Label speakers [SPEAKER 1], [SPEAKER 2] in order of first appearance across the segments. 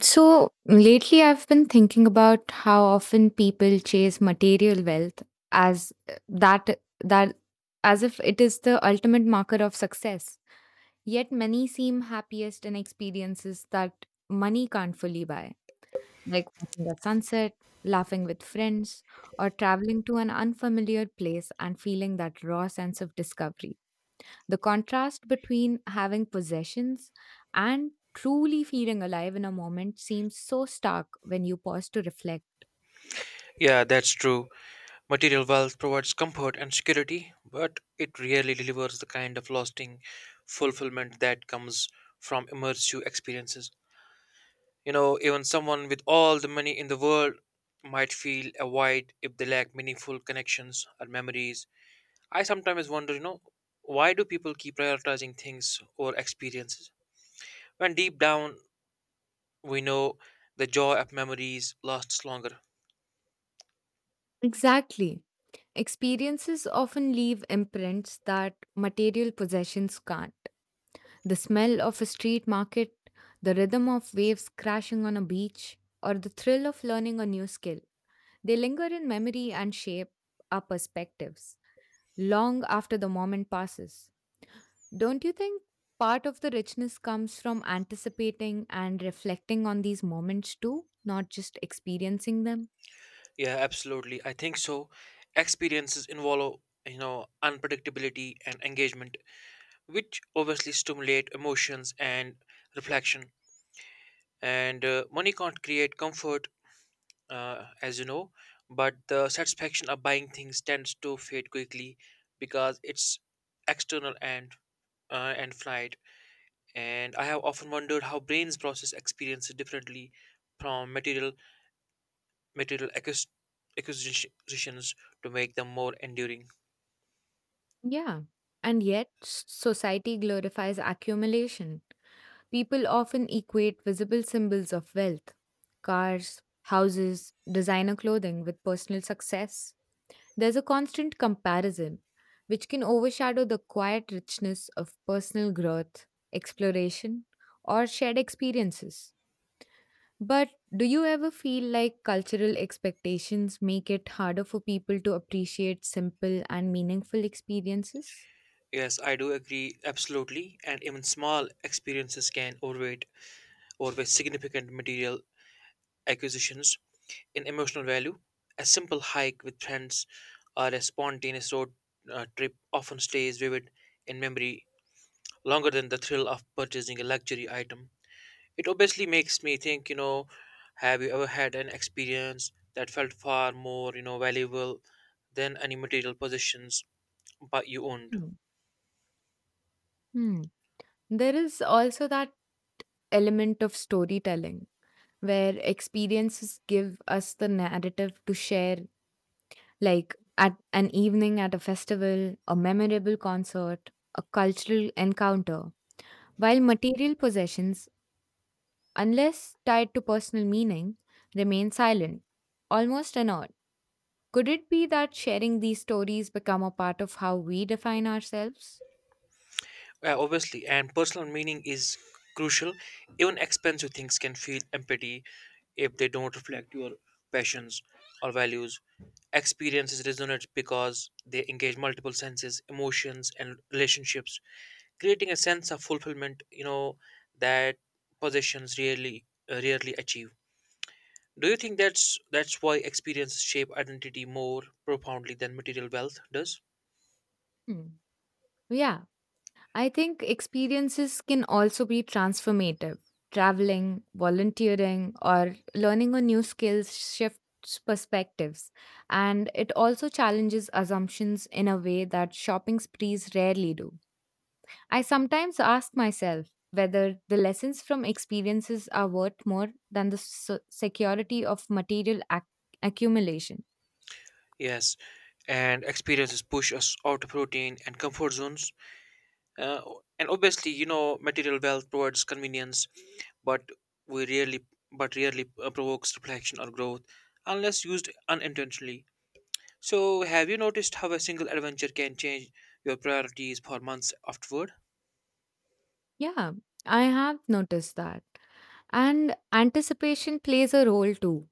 [SPEAKER 1] So lately, I've been thinking about how often people chase material wealth as that that as if it is the ultimate marker of success. Yet many seem happiest in experiences that money can't fully buy, like watching the sunset, laughing with friends, or traveling to an unfamiliar place and feeling that raw sense of discovery. The contrast between having possessions and truly feeling alive in a moment seems so stark when you pause to reflect.
[SPEAKER 2] Yeah, that's true. Material wealth provides comfort and security, but it rarely delivers the kind of lasting fulfillment that comes from immersive experiences. You know, even someone with all the money in the world might feel a void if they lack meaningful connections or memories. I sometimes wonder, you know, why do people keep prioritizing things or experiences? When deep down we know the joy of memories lasts longer.
[SPEAKER 1] Exactly. Experiences often leave imprints that material possessions can't. The smell of a street market, the rhythm of waves crashing on a beach, or the thrill of learning a new skill. They linger in memory and shape our perspectives long after the moment passes. Don't you think part of the richness comes from anticipating and reflecting on these moments too, not just experiencing them?
[SPEAKER 2] Yeah, absolutely. I think so. Experiences involve, you know, unpredictability and engagement, which obviously stimulate emotions and reflection. And money can't create comfort, as you know, but the satisfaction of buying things tends to fade quickly because it's external and flight. And I have often wondered how brains process experiences differently from material acquis- acquisitions to make them more enduring.
[SPEAKER 1] Yeah. And yet, society glorifies accumulation. People often equate visible symbols of wealth, cars, houses, designer clothing, with personal success. There's a constant comparison, which can overshadow the quiet richness of personal growth, exploration, or shared experiences. But do you ever feel like cultural expectations make it harder for people to appreciate simple and meaningful experiences?
[SPEAKER 2] Yes, I do agree absolutely, and even small experiences can overweigh significant material acquisitions in emotional value. A simple hike with friends or a spontaneous road trip often stays vivid in memory longer than the thrill of purchasing a luxury item. It obviously makes me think, you know, have you ever had an experience that felt far more, you know, valuable than any material possessions but you owned?
[SPEAKER 1] Hmm. Hmm. There is also that element of storytelling where experiences give us the narrative to share, like at an evening at a festival, a memorable concert, a cultural encounter, while material possessions, unless tied to personal meaning, remain silent, almost inert. Could it be that sharing these stories become a part of how we define ourselves?
[SPEAKER 2] Obviously, and personal meaning is crucial. Even expensive things can feel empty if they don't reflect your passions or values. Experiences resonate because they engage multiple senses, emotions, and relationships, creating a sense of fulfillment. You know that possessions rarely achieve. Do you think that's why experiences shape identity more profoundly than material wealth does?
[SPEAKER 1] Hmm. Yeah, I think experiences can also be transformative. Traveling, volunteering, or learning a new skill shifts perspectives. And it also challenges assumptions in a way that shopping sprees rarely do. I sometimes ask myself whether the lessons from experiences are worth more than the security of material accumulation.
[SPEAKER 2] Yes, and experiences push us out of routine and comfort zones, uh, and obviously, you know, material wealth provides convenience, but we rarely but rarely provokes reflection or growth unless used unintentionally. So have you noticed how a single adventure can change your priorities for months afterward?
[SPEAKER 1] Yeah, I have noticed that. And anticipation plays a role too.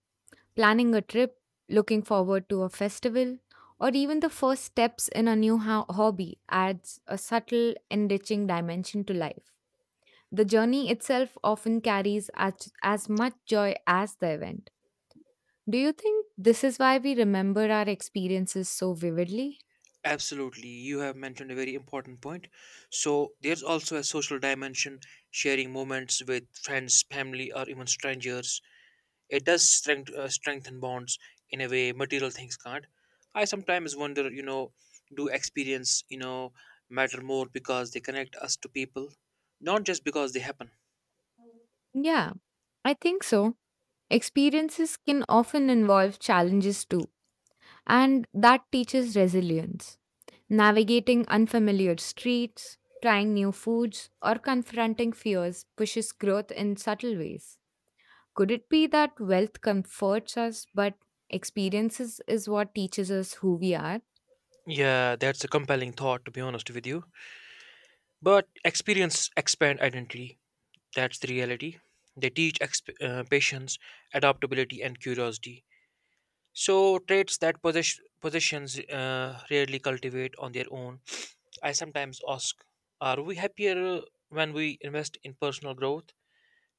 [SPEAKER 1] Planning a trip, looking forward to a festival, or even the first steps in a new hobby adds a subtle, enriching dimension to life. The journey itself often carries as much joy as the event. Do you think this is why we remember our experiences so vividly?
[SPEAKER 2] Absolutely, you have mentioned a very important point. So there's also a social dimension: sharing moments with friends, family, or even strangers. It does strengthen bonds in a way material things can't. I sometimes wonder, you know, do experience, you know, matter more because they connect us to people, not just because they happen?
[SPEAKER 1] Yeah, I think so. Experiences can often involve challenges too, and that teaches resilience. Navigating unfamiliar streets, trying new foods, or confronting fears pushes growth in subtle ways. Could it be that wealth comforts us, but experiences is what teaches us who we are?
[SPEAKER 2] Yeah, that's a compelling thought, to be honest with you. But experience expand identity. That's the reality. They teach patience, adaptability, and curiosity. So traits that possessions rarely cultivate on their own. I sometimes ask, are we happier when we invest in personal growth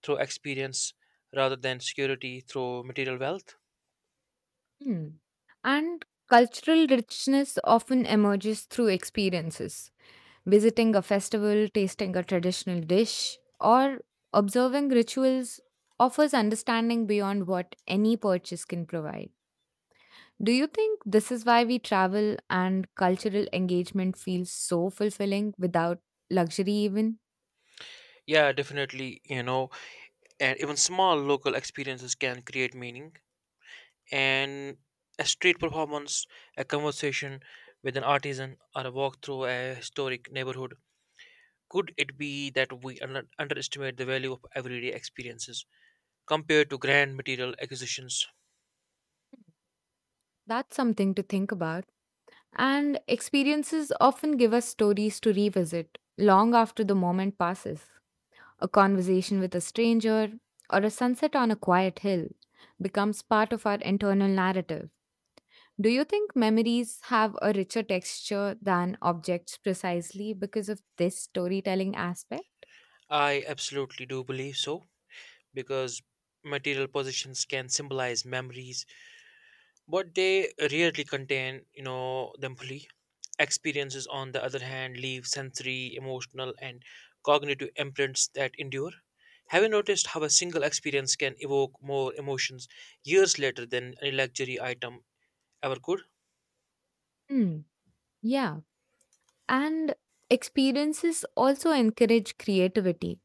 [SPEAKER 2] through experience rather than security through material wealth?
[SPEAKER 1] Hmm. And cultural richness often emerges through experiences. Visiting a festival, tasting a traditional dish, or observing rituals offers understanding beyond what any purchase can provide. Do you think this is why we travel and cultural engagement feels so fulfilling without luxury, even?
[SPEAKER 2] Yeah, definitely, you know, and even small local experiences can create meaning. And a street performance, a conversation with an artisan, or a walk through a historic neighborhood. Could it be that we underestimate the value of everyday experiences compared to grand material acquisitions?
[SPEAKER 1] That's something to think about. And experiences often give us stories to revisit long after the moment passes. A conversation with a stranger or a sunset on a quiet hill becomes part of our internal narrative. Do you think memories have a richer texture than objects precisely because of this storytelling aspect?
[SPEAKER 2] I absolutely do believe so, because material possessions can symbolize memories, but they rarely contain, you know, them fully. Experiences, on the other hand, leave sensory, emotional, and cognitive imprints that endure. Have you noticed how a single experience can evoke more emotions years later than any luxury item ever could?
[SPEAKER 1] Hmm. Yeah. And experiences also encourage creativity.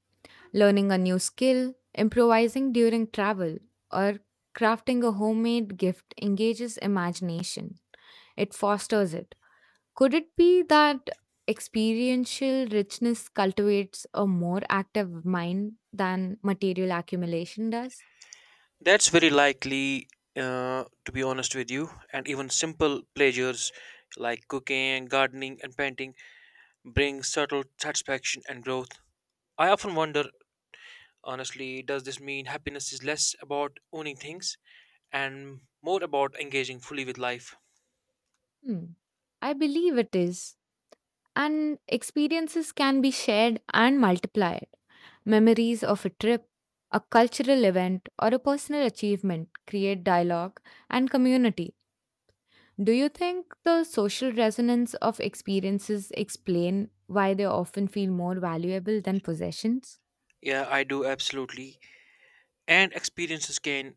[SPEAKER 1] Learning a new skill, improvising during travel, or crafting a homemade gift engages imagination. It fosters it. Could it be that experiential richness cultivates a more active mind than material accumulation does?
[SPEAKER 2] That's very likely, to be honest with you, and even simple pleasures like cooking, gardening, and painting bring subtle satisfaction and growth. I often wonder, honestly, does this mean happiness is less about owning things and more about engaging fully with life?
[SPEAKER 1] Hmm. I believe it is. And experiences can be shared and multiplied. Memories of a trip, a cultural event, or a personal achievement create dialogue and community. Do you think the social resonance of experiences explain why they often feel more valuable than possessions?
[SPEAKER 2] Yeah, I do absolutely. And experiences can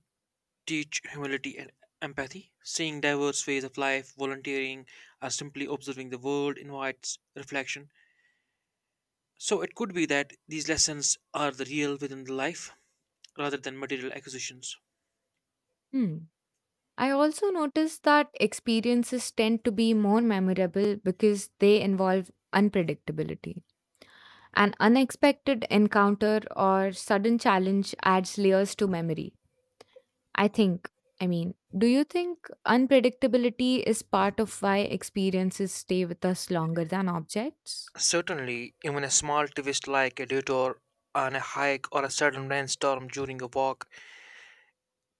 [SPEAKER 2] teach humility and empathy. Seeing diverse ways of life, volunteering, or simply observing the world invites reflection. So it could be that these lessons are the real within the life rather than material acquisitions.
[SPEAKER 1] Hmm. I also noticed that experiences tend to be more memorable because they involve unpredictability. An unexpected encounter or sudden challenge adds layers to memory. I think, I mean, do you think unpredictability is part of why experiences stay with us longer than objects?
[SPEAKER 2] Certainly, even a small twist like a detour on a hike or a sudden rainstorm during a walk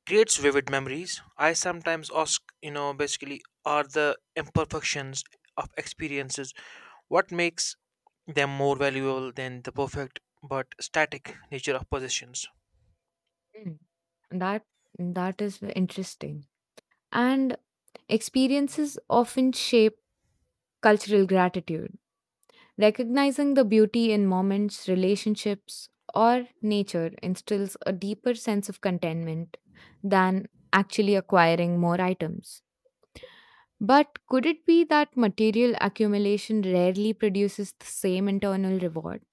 [SPEAKER 2] creates vivid memories. I sometimes ask, you know, basically, are the imperfections of experiences what makes them more valuable than the perfect but static nature of possessions?
[SPEAKER 1] Mm. That that interesting. And experiences often shape cultural gratitude. Recognizing the beauty in moments, relationships, or nature instills a deeper sense of contentment than actually acquiring more items. But could it be that material accumulation rarely produces the same internal reward?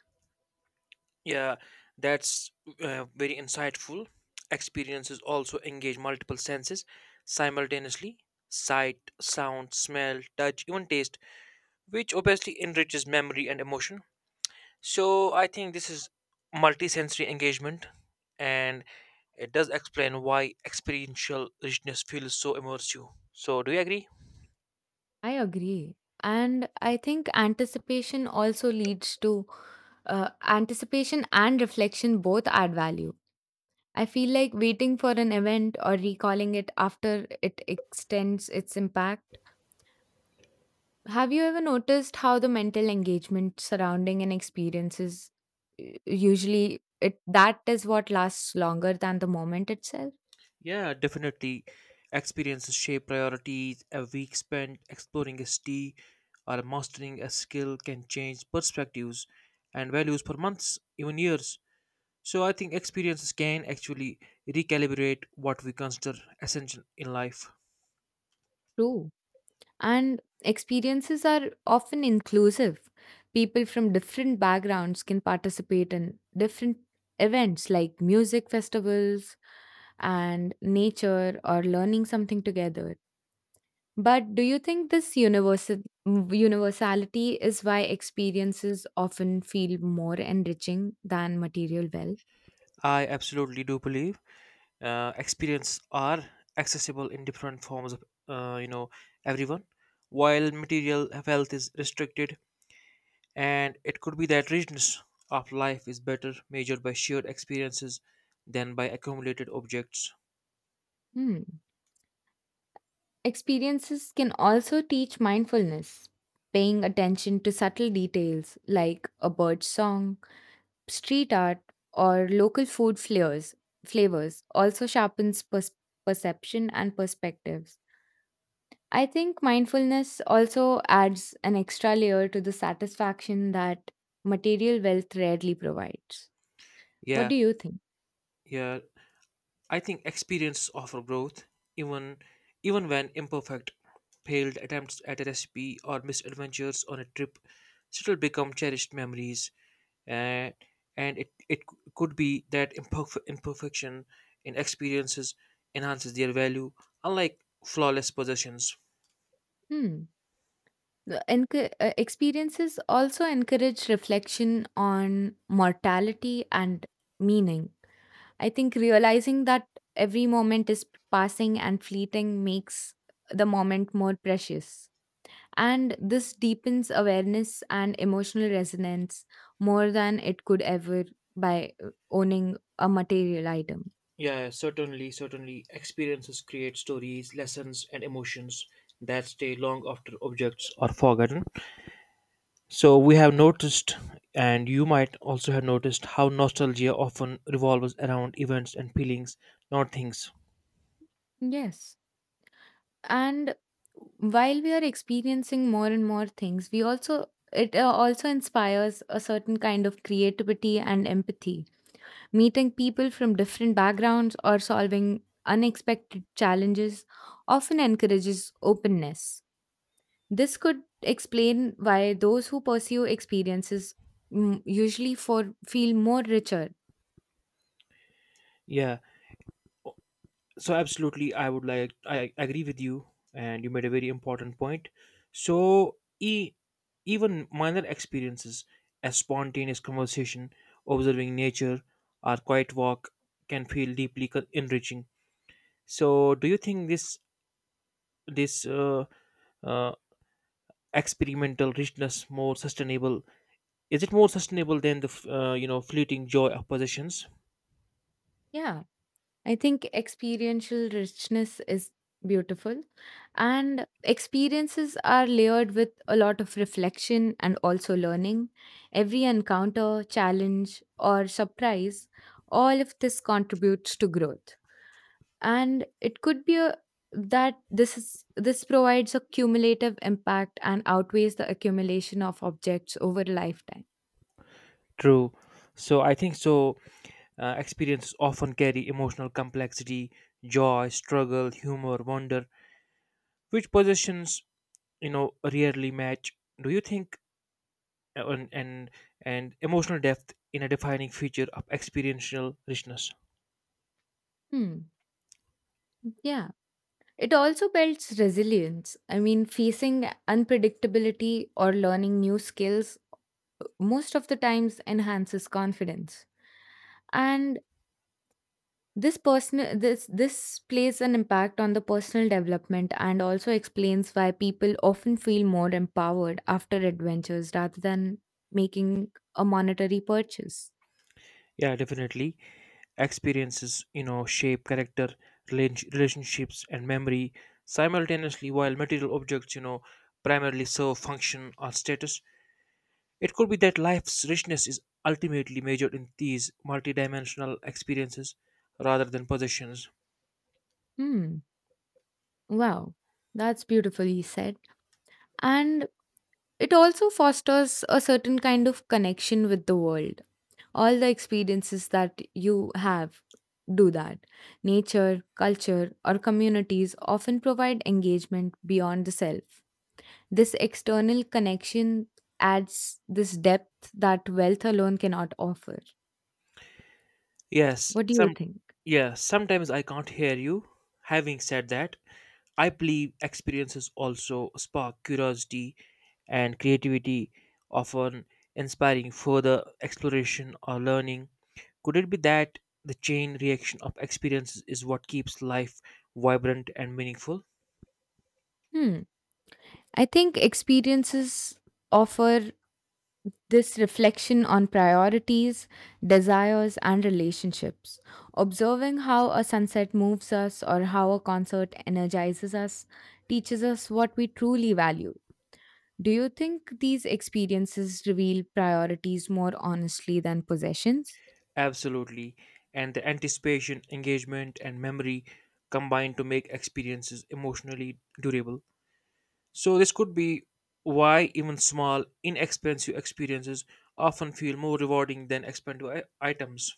[SPEAKER 2] Yeah, that's very insightful. Experiences also engage multiple senses simultaneously: sight, sound, smell, touch, even taste, which obviously enriches memory and emotion. So, I think this is multisensory engagement, and it does explain why experiential richness feels so immersive. So, do you agree?
[SPEAKER 1] I agree. And I think anticipation also leads to anticipation and reflection both add value. I feel like waiting for an event or recalling it after it extends its impact. Have you ever noticed how the mental engagement surrounding an experience is usually it that is what lasts longer than the moment itself?
[SPEAKER 2] Yeah, definitely. Experiences shape priorities. A week spent exploring a city or mastering a skill can change perspectives and values for months, even years. So I think experiences can actually recalibrate what we consider essential in life.
[SPEAKER 1] True. And experiences are often inclusive. People from different backgrounds can participate in different events like music festivals and nature or learning something together. But do you think this universality is why experiences often feel more enriching than material wealth?
[SPEAKER 2] I absolutely do believe. Experience are accessible in different forms of, you know, everyone, while material wealth is restricted. And it could be that richness of life is better measured by shared experiences than by accumulated objects.
[SPEAKER 1] Hmm. Experiences can also teach mindfulness, paying attention to subtle details like a bird's song, street art, or local food flavors also sharpens perception and perspectives. I think mindfulness also adds an extra layer to the satisfaction that material wealth rarely provides. What
[SPEAKER 2] Yeah.
[SPEAKER 1] do you think?
[SPEAKER 2] Yeah, I think experience offer growth, even even when imperfect. Failed attempts at a recipe or misadventures on a trip still become cherished memories. And and it it could be that imperfection in experiences enhances their value, unlike flawless possessions.
[SPEAKER 1] Hmm. Experiences also encourage reflection on mortality and meaning. I think realizing that every moment is passing and fleeting makes the moment more precious. And this deepens awareness and emotional resonance more than it could ever by owning a material item.
[SPEAKER 2] Yeah, certainly experiences create stories, lessons, and emotions that stay long after objects are forgotten. So we have noticed, and you might also have noticed how nostalgia often revolves around events and feelings, not things.
[SPEAKER 1] Yes. And while we are experiencing more and more things, we also it also inspires a certain kind of creativity and empathy. Meeting people from different backgrounds or solving unexpected challenges often encourages openness. This could explain why those who pursue experiences usually for feel more richer.
[SPEAKER 2] Yeah, so absolutely, I would like I agree with you, and you made a very important point. So even minor experiences, a spontaneous conversation, observing nature, or quiet walk can feel deeply enriching. So do you think this this uh, uh, experimental richness more sustainable, is it more sustainable than the you know, fleeting joy of possessions?
[SPEAKER 1] Yeah, I think experiential richness is beautiful and experiences are layered with a lot of reflection and also learning. Every encounter, challenge or surprise, all of this contributes to growth. And it could be a, that this is this provides a cumulative impact and outweighs the accumulation of objects over a lifetime.
[SPEAKER 2] True. So I think so. Experiences often carry emotional complexity, joy, struggle, humor, wonder, which possessions, you know, rarely match. Do you think uh, and and, and emotional depth in a defining feature of experiential richness?
[SPEAKER 1] Hmm. Yeah. It also builds resilience. I mean, facing unpredictability or learning new skills most of the times enhances confidence. And this personal this this plays an impact on the personal development and also explains why people often feel more empowered after adventures rather than making a monetary purchase.
[SPEAKER 2] Yeah, definitely. Experiences, you know, shape character, relationships, and memory simultaneously, while material objects, you know, primarily serve function or status. It could be that life's richness is ultimately measured in these multidimensional experiences rather than possessions.
[SPEAKER 1] Hmm. Wow, that's beautifully said. And it also fosters a certain kind of connection with the world, all the experiences that you have do that. Nature, culture, or communities often provide engagement beyond the self. This external connection adds this depth that wealth alone cannot offer.
[SPEAKER 2] Yes,
[SPEAKER 1] What do you
[SPEAKER 2] some.
[SPEAKER 1] think?
[SPEAKER 2] Yeah, sometimes I can't hear you. Having said that, I believe experiences also spark curiosity and creativity, often inspiring further exploration or learning. Could it be that the chain reaction of experiences is what keeps life vibrant and meaningful?
[SPEAKER 1] Hmm. I think experiences offer this reflection on priorities, desires, and relationships. Observing how a sunset moves us or how a concert energizes us teaches us what we truly value. Do you think these experiences reveal priorities more honestly than possessions?
[SPEAKER 2] Absolutely. And the anticipation, engagement, and memory combine to make experiences emotionally durable. So, this could be why even small, inexpensive experiences often feel more rewarding than expensive items.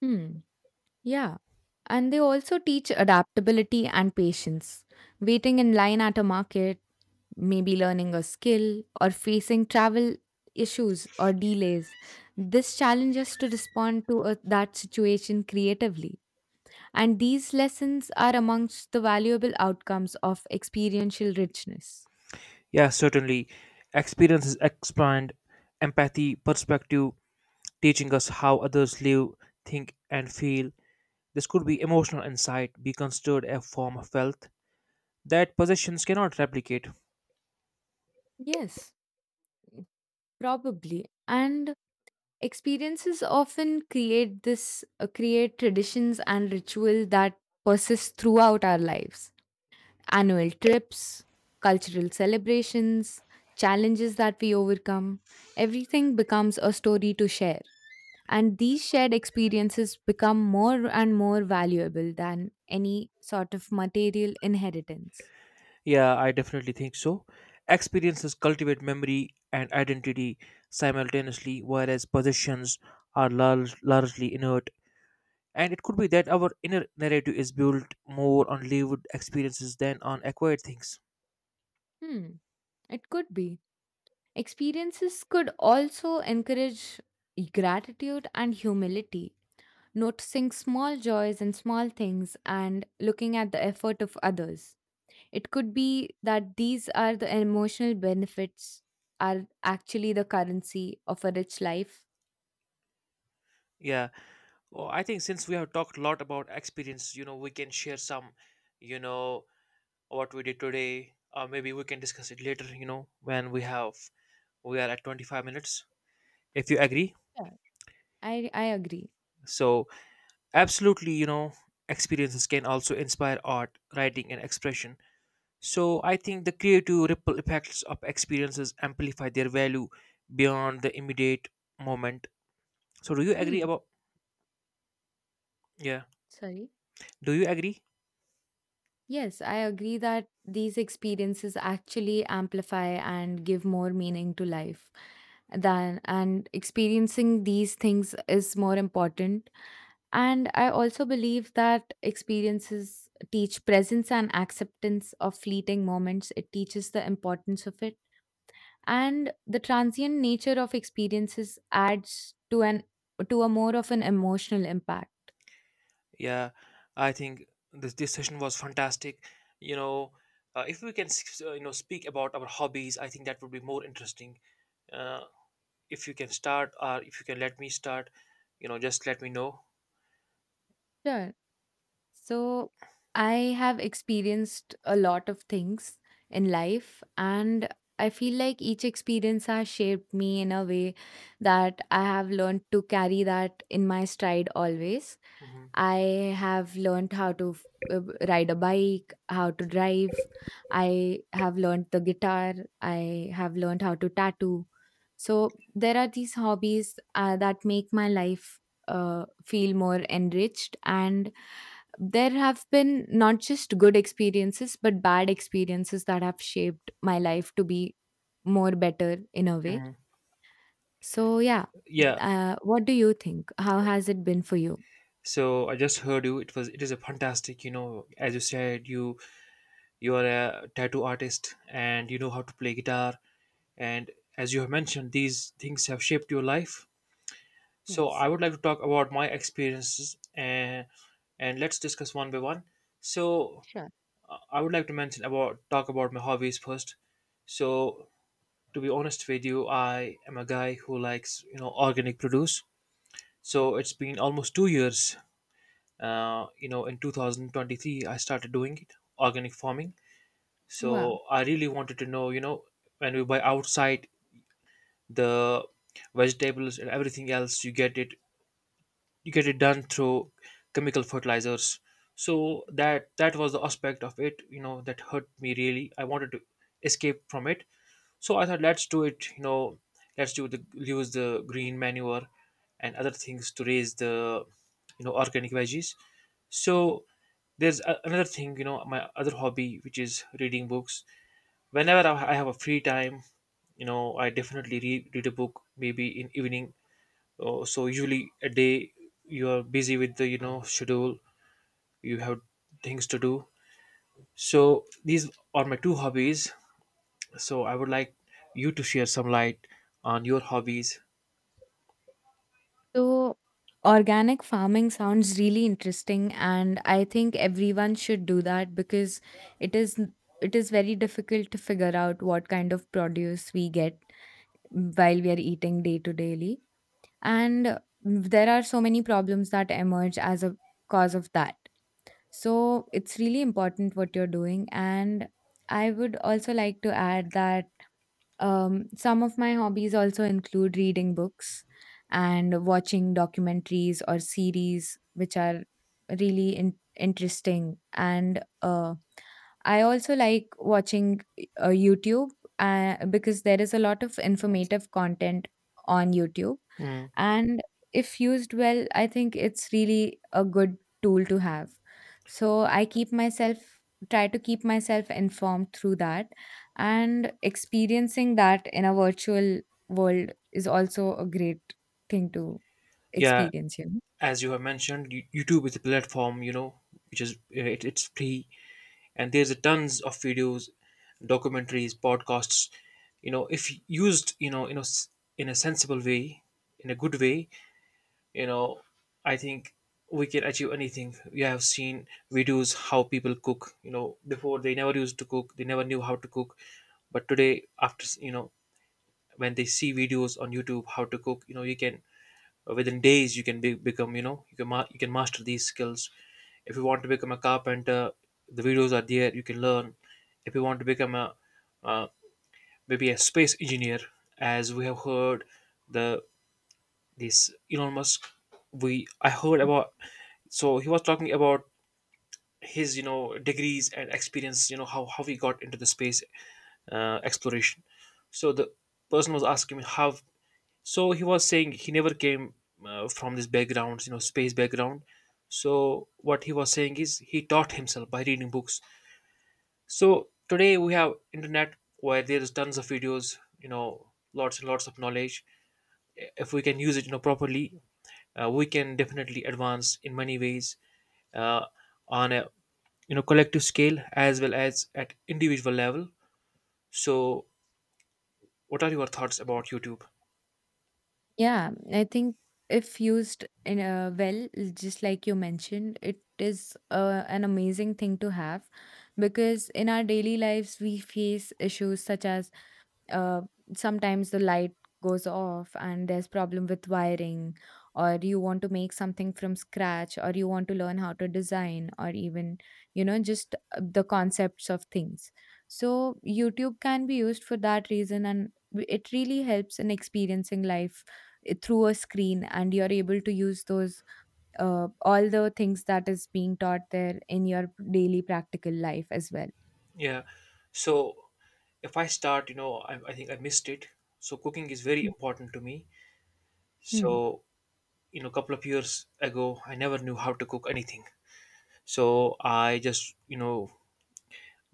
[SPEAKER 1] Hmm. Yeah. And they also teach adaptability and patience. Waiting in line at a market, maybe learning a skill, or facing travel issues or delays. This challenges us to respond to that situation creatively. And these lessons are amongst the valuable outcomes of experiential richness.
[SPEAKER 2] Yeah, certainly. Experiences expand empathy, perspective, teaching us how others live, think, and feel. This could be emotional insight, be considered a form of wealth that possessions cannot replicate.
[SPEAKER 1] Yes, probably. And experiences often create this create traditions and ritual that persist throughout our lives: annual trips, cultural celebrations, challenges that we overcome. Everything becomes a story to share. And these shared experiences become more and more valuable than any sort of material inheritance.
[SPEAKER 2] Yeah, I definitely think so. Experiences cultivate memory and identity simultaneously, whereas possessions are largely inert. And it could be that our inner narrative is built more on lived experiences than on acquired things.
[SPEAKER 1] Hmm, it could be. Experiences could also encourage gratitude and humility, noticing small joys and small things and looking at the effort of others. It could be that these are the emotional benefits are actually the currency of a rich life.
[SPEAKER 2] Yeah, well, I think since we have talked a lot about experience, you know, we can share some, you know, what we did today, or maybe we can discuss it later, you know, when we have we are at 25 minutes, if you agree.
[SPEAKER 1] Yeah. I agree.
[SPEAKER 2] So absolutely, you know, experiences can also inspire art, writing, and expression. So I think the creative ripple effects of experiences amplify their value beyond the immediate moment. So do you agree
[SPEAKER 1] Hmm.
[SPEAKER 2] about, yeah?
[SPEAKER 1] Sorry.
[SPEAKER 2] Do you agree?
[SPEAKER 1] Yes, I agree that these experiences actually amplify and give more meaning to life. Than and experiencing these things is more important. And I also believe that experiences teach presence and acceptance of fleeting moments. It teaches the importance of it and the transient nature of experiences adds to a more of an emotional impact.
[SPEAKER 2] Yeah, I think this session was fantastic. You know, if we can you know, speak about our hobbies, I think that would be more interesting. Uh, if you can start, or if you can let me start, you know, just let me know.
[SPEAKER 1] Sure, so I have experienced a lot of things in life, and I feel like each experience has shaped me in a way that I have learned to carry that in my stride always.
[SPEAKER 2] Hmm.
[SPEAKER 1] I have learned how to ride a bike, how to drive. I have learned the guitar. I have learned how to tattoo. So there are these hobbies that make my life feel more enriched. And there have been not just good experiences, but bad experiences that have shaped my life to be more better in a way.
[SPEAKER 2] Hmm.
[SPEAKER 1] So, yeah,
[SPEAKER 2] Yeah,
[SPEAKER 1] what do you think? How has it been for you?
[SPEAKER 2] so I just heard you. It was, it is a fantastic, you know, as you said, you are a tattoo artist and you know how to play guitar, and as you have mentioned, these things have shaped your life. So
[SPEAKER 1] Yes,
[SPEAKER 2] I would like to talk about my experiences, and let's discuss one by one. So
[SPEAKER 1] sure.
[SPEAKER 2] I would like to mention about talk about my hobbies first. So, to be honest with you, I am a guy who likes, you know, organic produce. So it's been almost 2 years, you know, in 2023 I started doing it, organic farming.
[SPEAKER 1] Wow.
[SPEAKER 2] So I really wanted to know, you know, when we buy outside, the vegetables and everything else, you get it done through chemical fertilizers. So that was the aspect of it, you know, that hurt me. Really, I wanted to escape from it. So I thought, let's do it. You know, let's do the use the green manure and other things to raise the, you know, organic veggies. So there's another thing, you know, my other hobby, which is reading books. Whenever I have a free time, you know, I definitely read a book, maybe in evening. Oh, so usually a day you are busy with the, you know, schedule. You have things to do. So these are my two hobbies. So I would like you to share some light on your hobbies.
[SPEAKER 1] So, organic farming sounds really interesting, and I think everyone should do that because it is it is very difficult to figure out what kind of produce we get while we are eating day to daily. And there are so many problems that emerge as a cause of that. So, it's really important what you're doing. And I would also like to add that some of my hobbies also include reading books and watching documentaries or series, which are really interesting. And I also like watching YouTube because there is a lot of informative content on YouTube.
[SPEAKER 2] Hmm.
[SPEAKER 1] And if used well, I think it's really a good tool to have. So I keep myself, try to keep myself informed through that, and experiencing that in a virtual world is also a great thing to
[SPEAKER 2] Yeah,
[SPEAKER 1] experience, you know.
[SPEAKER 2] as you have mentioned, YouTube is a platform, you know, which is it's free, and there's a tons of videos, documentaries, podcasts. You know, if used, you know, in a sensible way, in a good way, you know, I think we can achieve anything. We have seen videos how people cook. You know, before they never used to cook, they never knew how to cook, but today, after s- you know when they see videos on YouTube how to cook, you know you can within days you can become, you know, you can you can master these skills. If you want to become a carpenter, the videos are there, you can learn. If you want to become a uh, maybe a space engineer, as we have heard, the this Elon Musk, we I heard about, so he was talking about his, you know, degrees and experience, you know, how he got into the space exploration. So the person was asking me how. So he was saying he never came from this background, you know, space background. So what he was saying is he taught himself by reading books. So today we have internet where there is tons of videos, you know, lots and lots of knowledge. If we can use it, you know, properly, we can definitely advance in many ways, uh, on a, you know, collective scale as well as at individual level. So what are your thoughts about YouTube?
[SPEAKER 1] Yeah, I think if used in a well, just like you mentioned, it is an amazing thing to have because in our daily lives we face issues such as, uh, sometimes the light goes off and there's problem with wiring, or you want to make something from scratch, or you want to learn how to design, or even, you know, just the concepts of things. So YouTube can be used for that reason, and it really helps in experiencing life through a screen and you're able to use those all the things that is being taught there in your daily practical life as well.
[SPEAKER 2] Yeah. So if I start, you know, I think I missed it. So cooking is very
[SPEAKER 1] Mm.
[SPEAKER 2] important to me.
[SPEAKER 1] Hmm.
[SPEAKER 2] So, you know, a couple of years ago, I never knew how to cook anything. So I just, you know,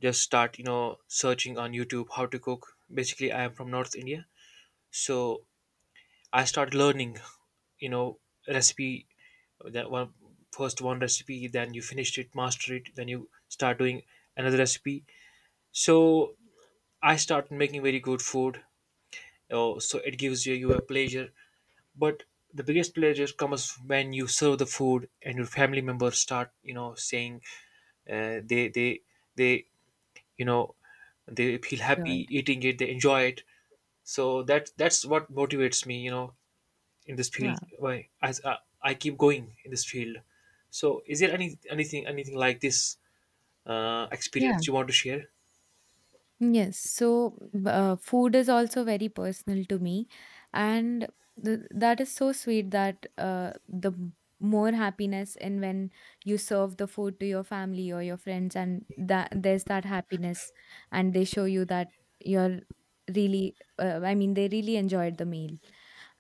[SPEAKER 2] just start, you know, searching on YouTube how to cook. Basically, I am from North India. So I started learning, you know, recipe, that one first one recipe, then you finished it, master it, then you start doing another recipe. So I started making very good food. Oh, so it gives you a pleasure. But the biggest pleasure comes when you serve the food and your family members start, you know, saying uh, they they they, you know, they feel happy
[SPEAKER 1] Good.
[SPEAKER 2] eating it, they enjoy it. So that's what motivates me, you know, in this field.
[SPEAKER 1] Wow.
[SPEAKER 2] Why, as I keep going in this field. So is there anything like this, uh,
[SPEAKER 1] Yeah.
[SPEAKER 2] experience you want to share?
[SPEAKER 1] Yes, so food is also very personal to me, and th that is so sweet that the more happiness in when you serve the food to your family or your friends, and that there's that happiness, and they show you that you're really, I mean, they really enjoyed the meal.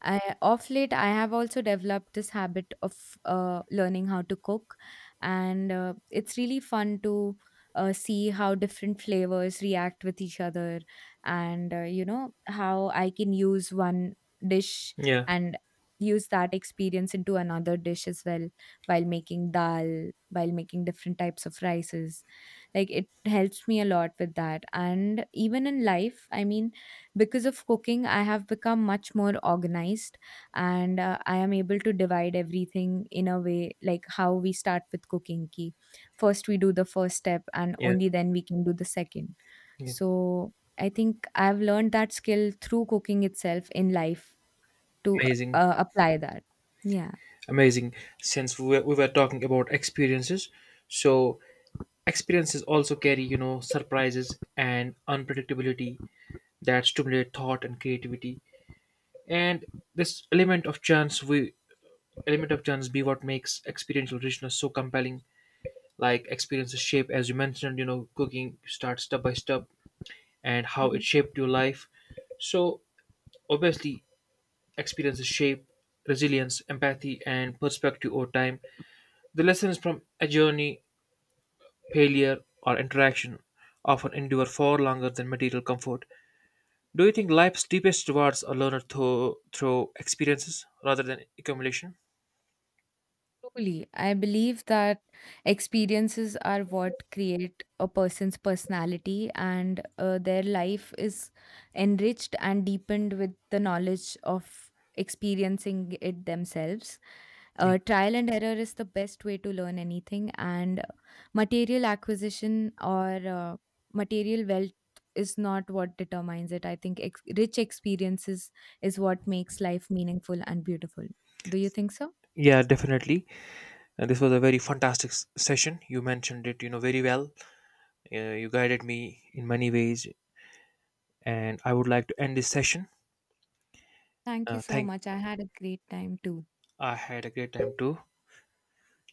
[SPEAKER 1] I, of late, I have also developed this habit of learning how to cook, and it's really fun to see how different flavors react with each other and you know how I can use one dish
[SPEAKER 2] Yeah,
[SPEAKER 1] and use that experience into another dish as well, while making dal, while making different types of rices. Like, it helps me a lot with that, and even in life, I mean, because of cooking I have become much more organized, and I am able to divide everything in a way like how we start with cooking ki, first we do the first step and
[SPEAKER 2] yeah,
[SPEAKER 1] only then we can do the second.
[SPEAKER 2] yeah.
[SPEAKER 1] So I think I've learned that skill through cooking itself in life, to
[SPEAKER 2] Amazing.
[SPEAKER 1] apply that, yeah.
[SPEAKER 2] Amazing. Since we were talking about experiences, so experiences also carry, you know, surprises and unpredictability that stimulate thought and creativity. And this element of chance, we element of chance, be what makes experiential richness so compelling. Like experiences shape, as you mentioned, you know, cooking starts step by step, and how it
[SPEAKER 1] Mhm.
[SPEAKER 2] shaped your life. So obviously, experiences shape resilience, empathy, and perspective over time. The lessons from a journey, failure, or interaction often endure far longer than material comfort. Do you think life's deepest rewards are learned through experiences rather than accumulation?
[SPEAKER 1] Truly, I believe that experiences are what create a person's personality, and their life is enriched and deepened with the knowledge of experiencing it themselves.
[SPEAKER 2] Yeah.
[SPEAKER 1] Trial and error is the best way to learn anything, and material acquisition or material wealth is not what determines it. I think rich experiences is what makes life meaningful and beautiful. Do you think so?
[SPEAKER 2] Yeah, definitely. And this was a very fantastic session. You mentioned it, you know, very well. You guided me in many ways, and I would like to end this session.
[SPEAKER 1] Thank you so
[SPEAKER 2] Thank.
[SPEAKER 1] much. I had a great time too.
[SPEAKER 2] I had a great time too.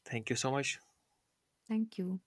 [SPEAKER 2] Thank you so much.
[SPEAKER 1] Thank you.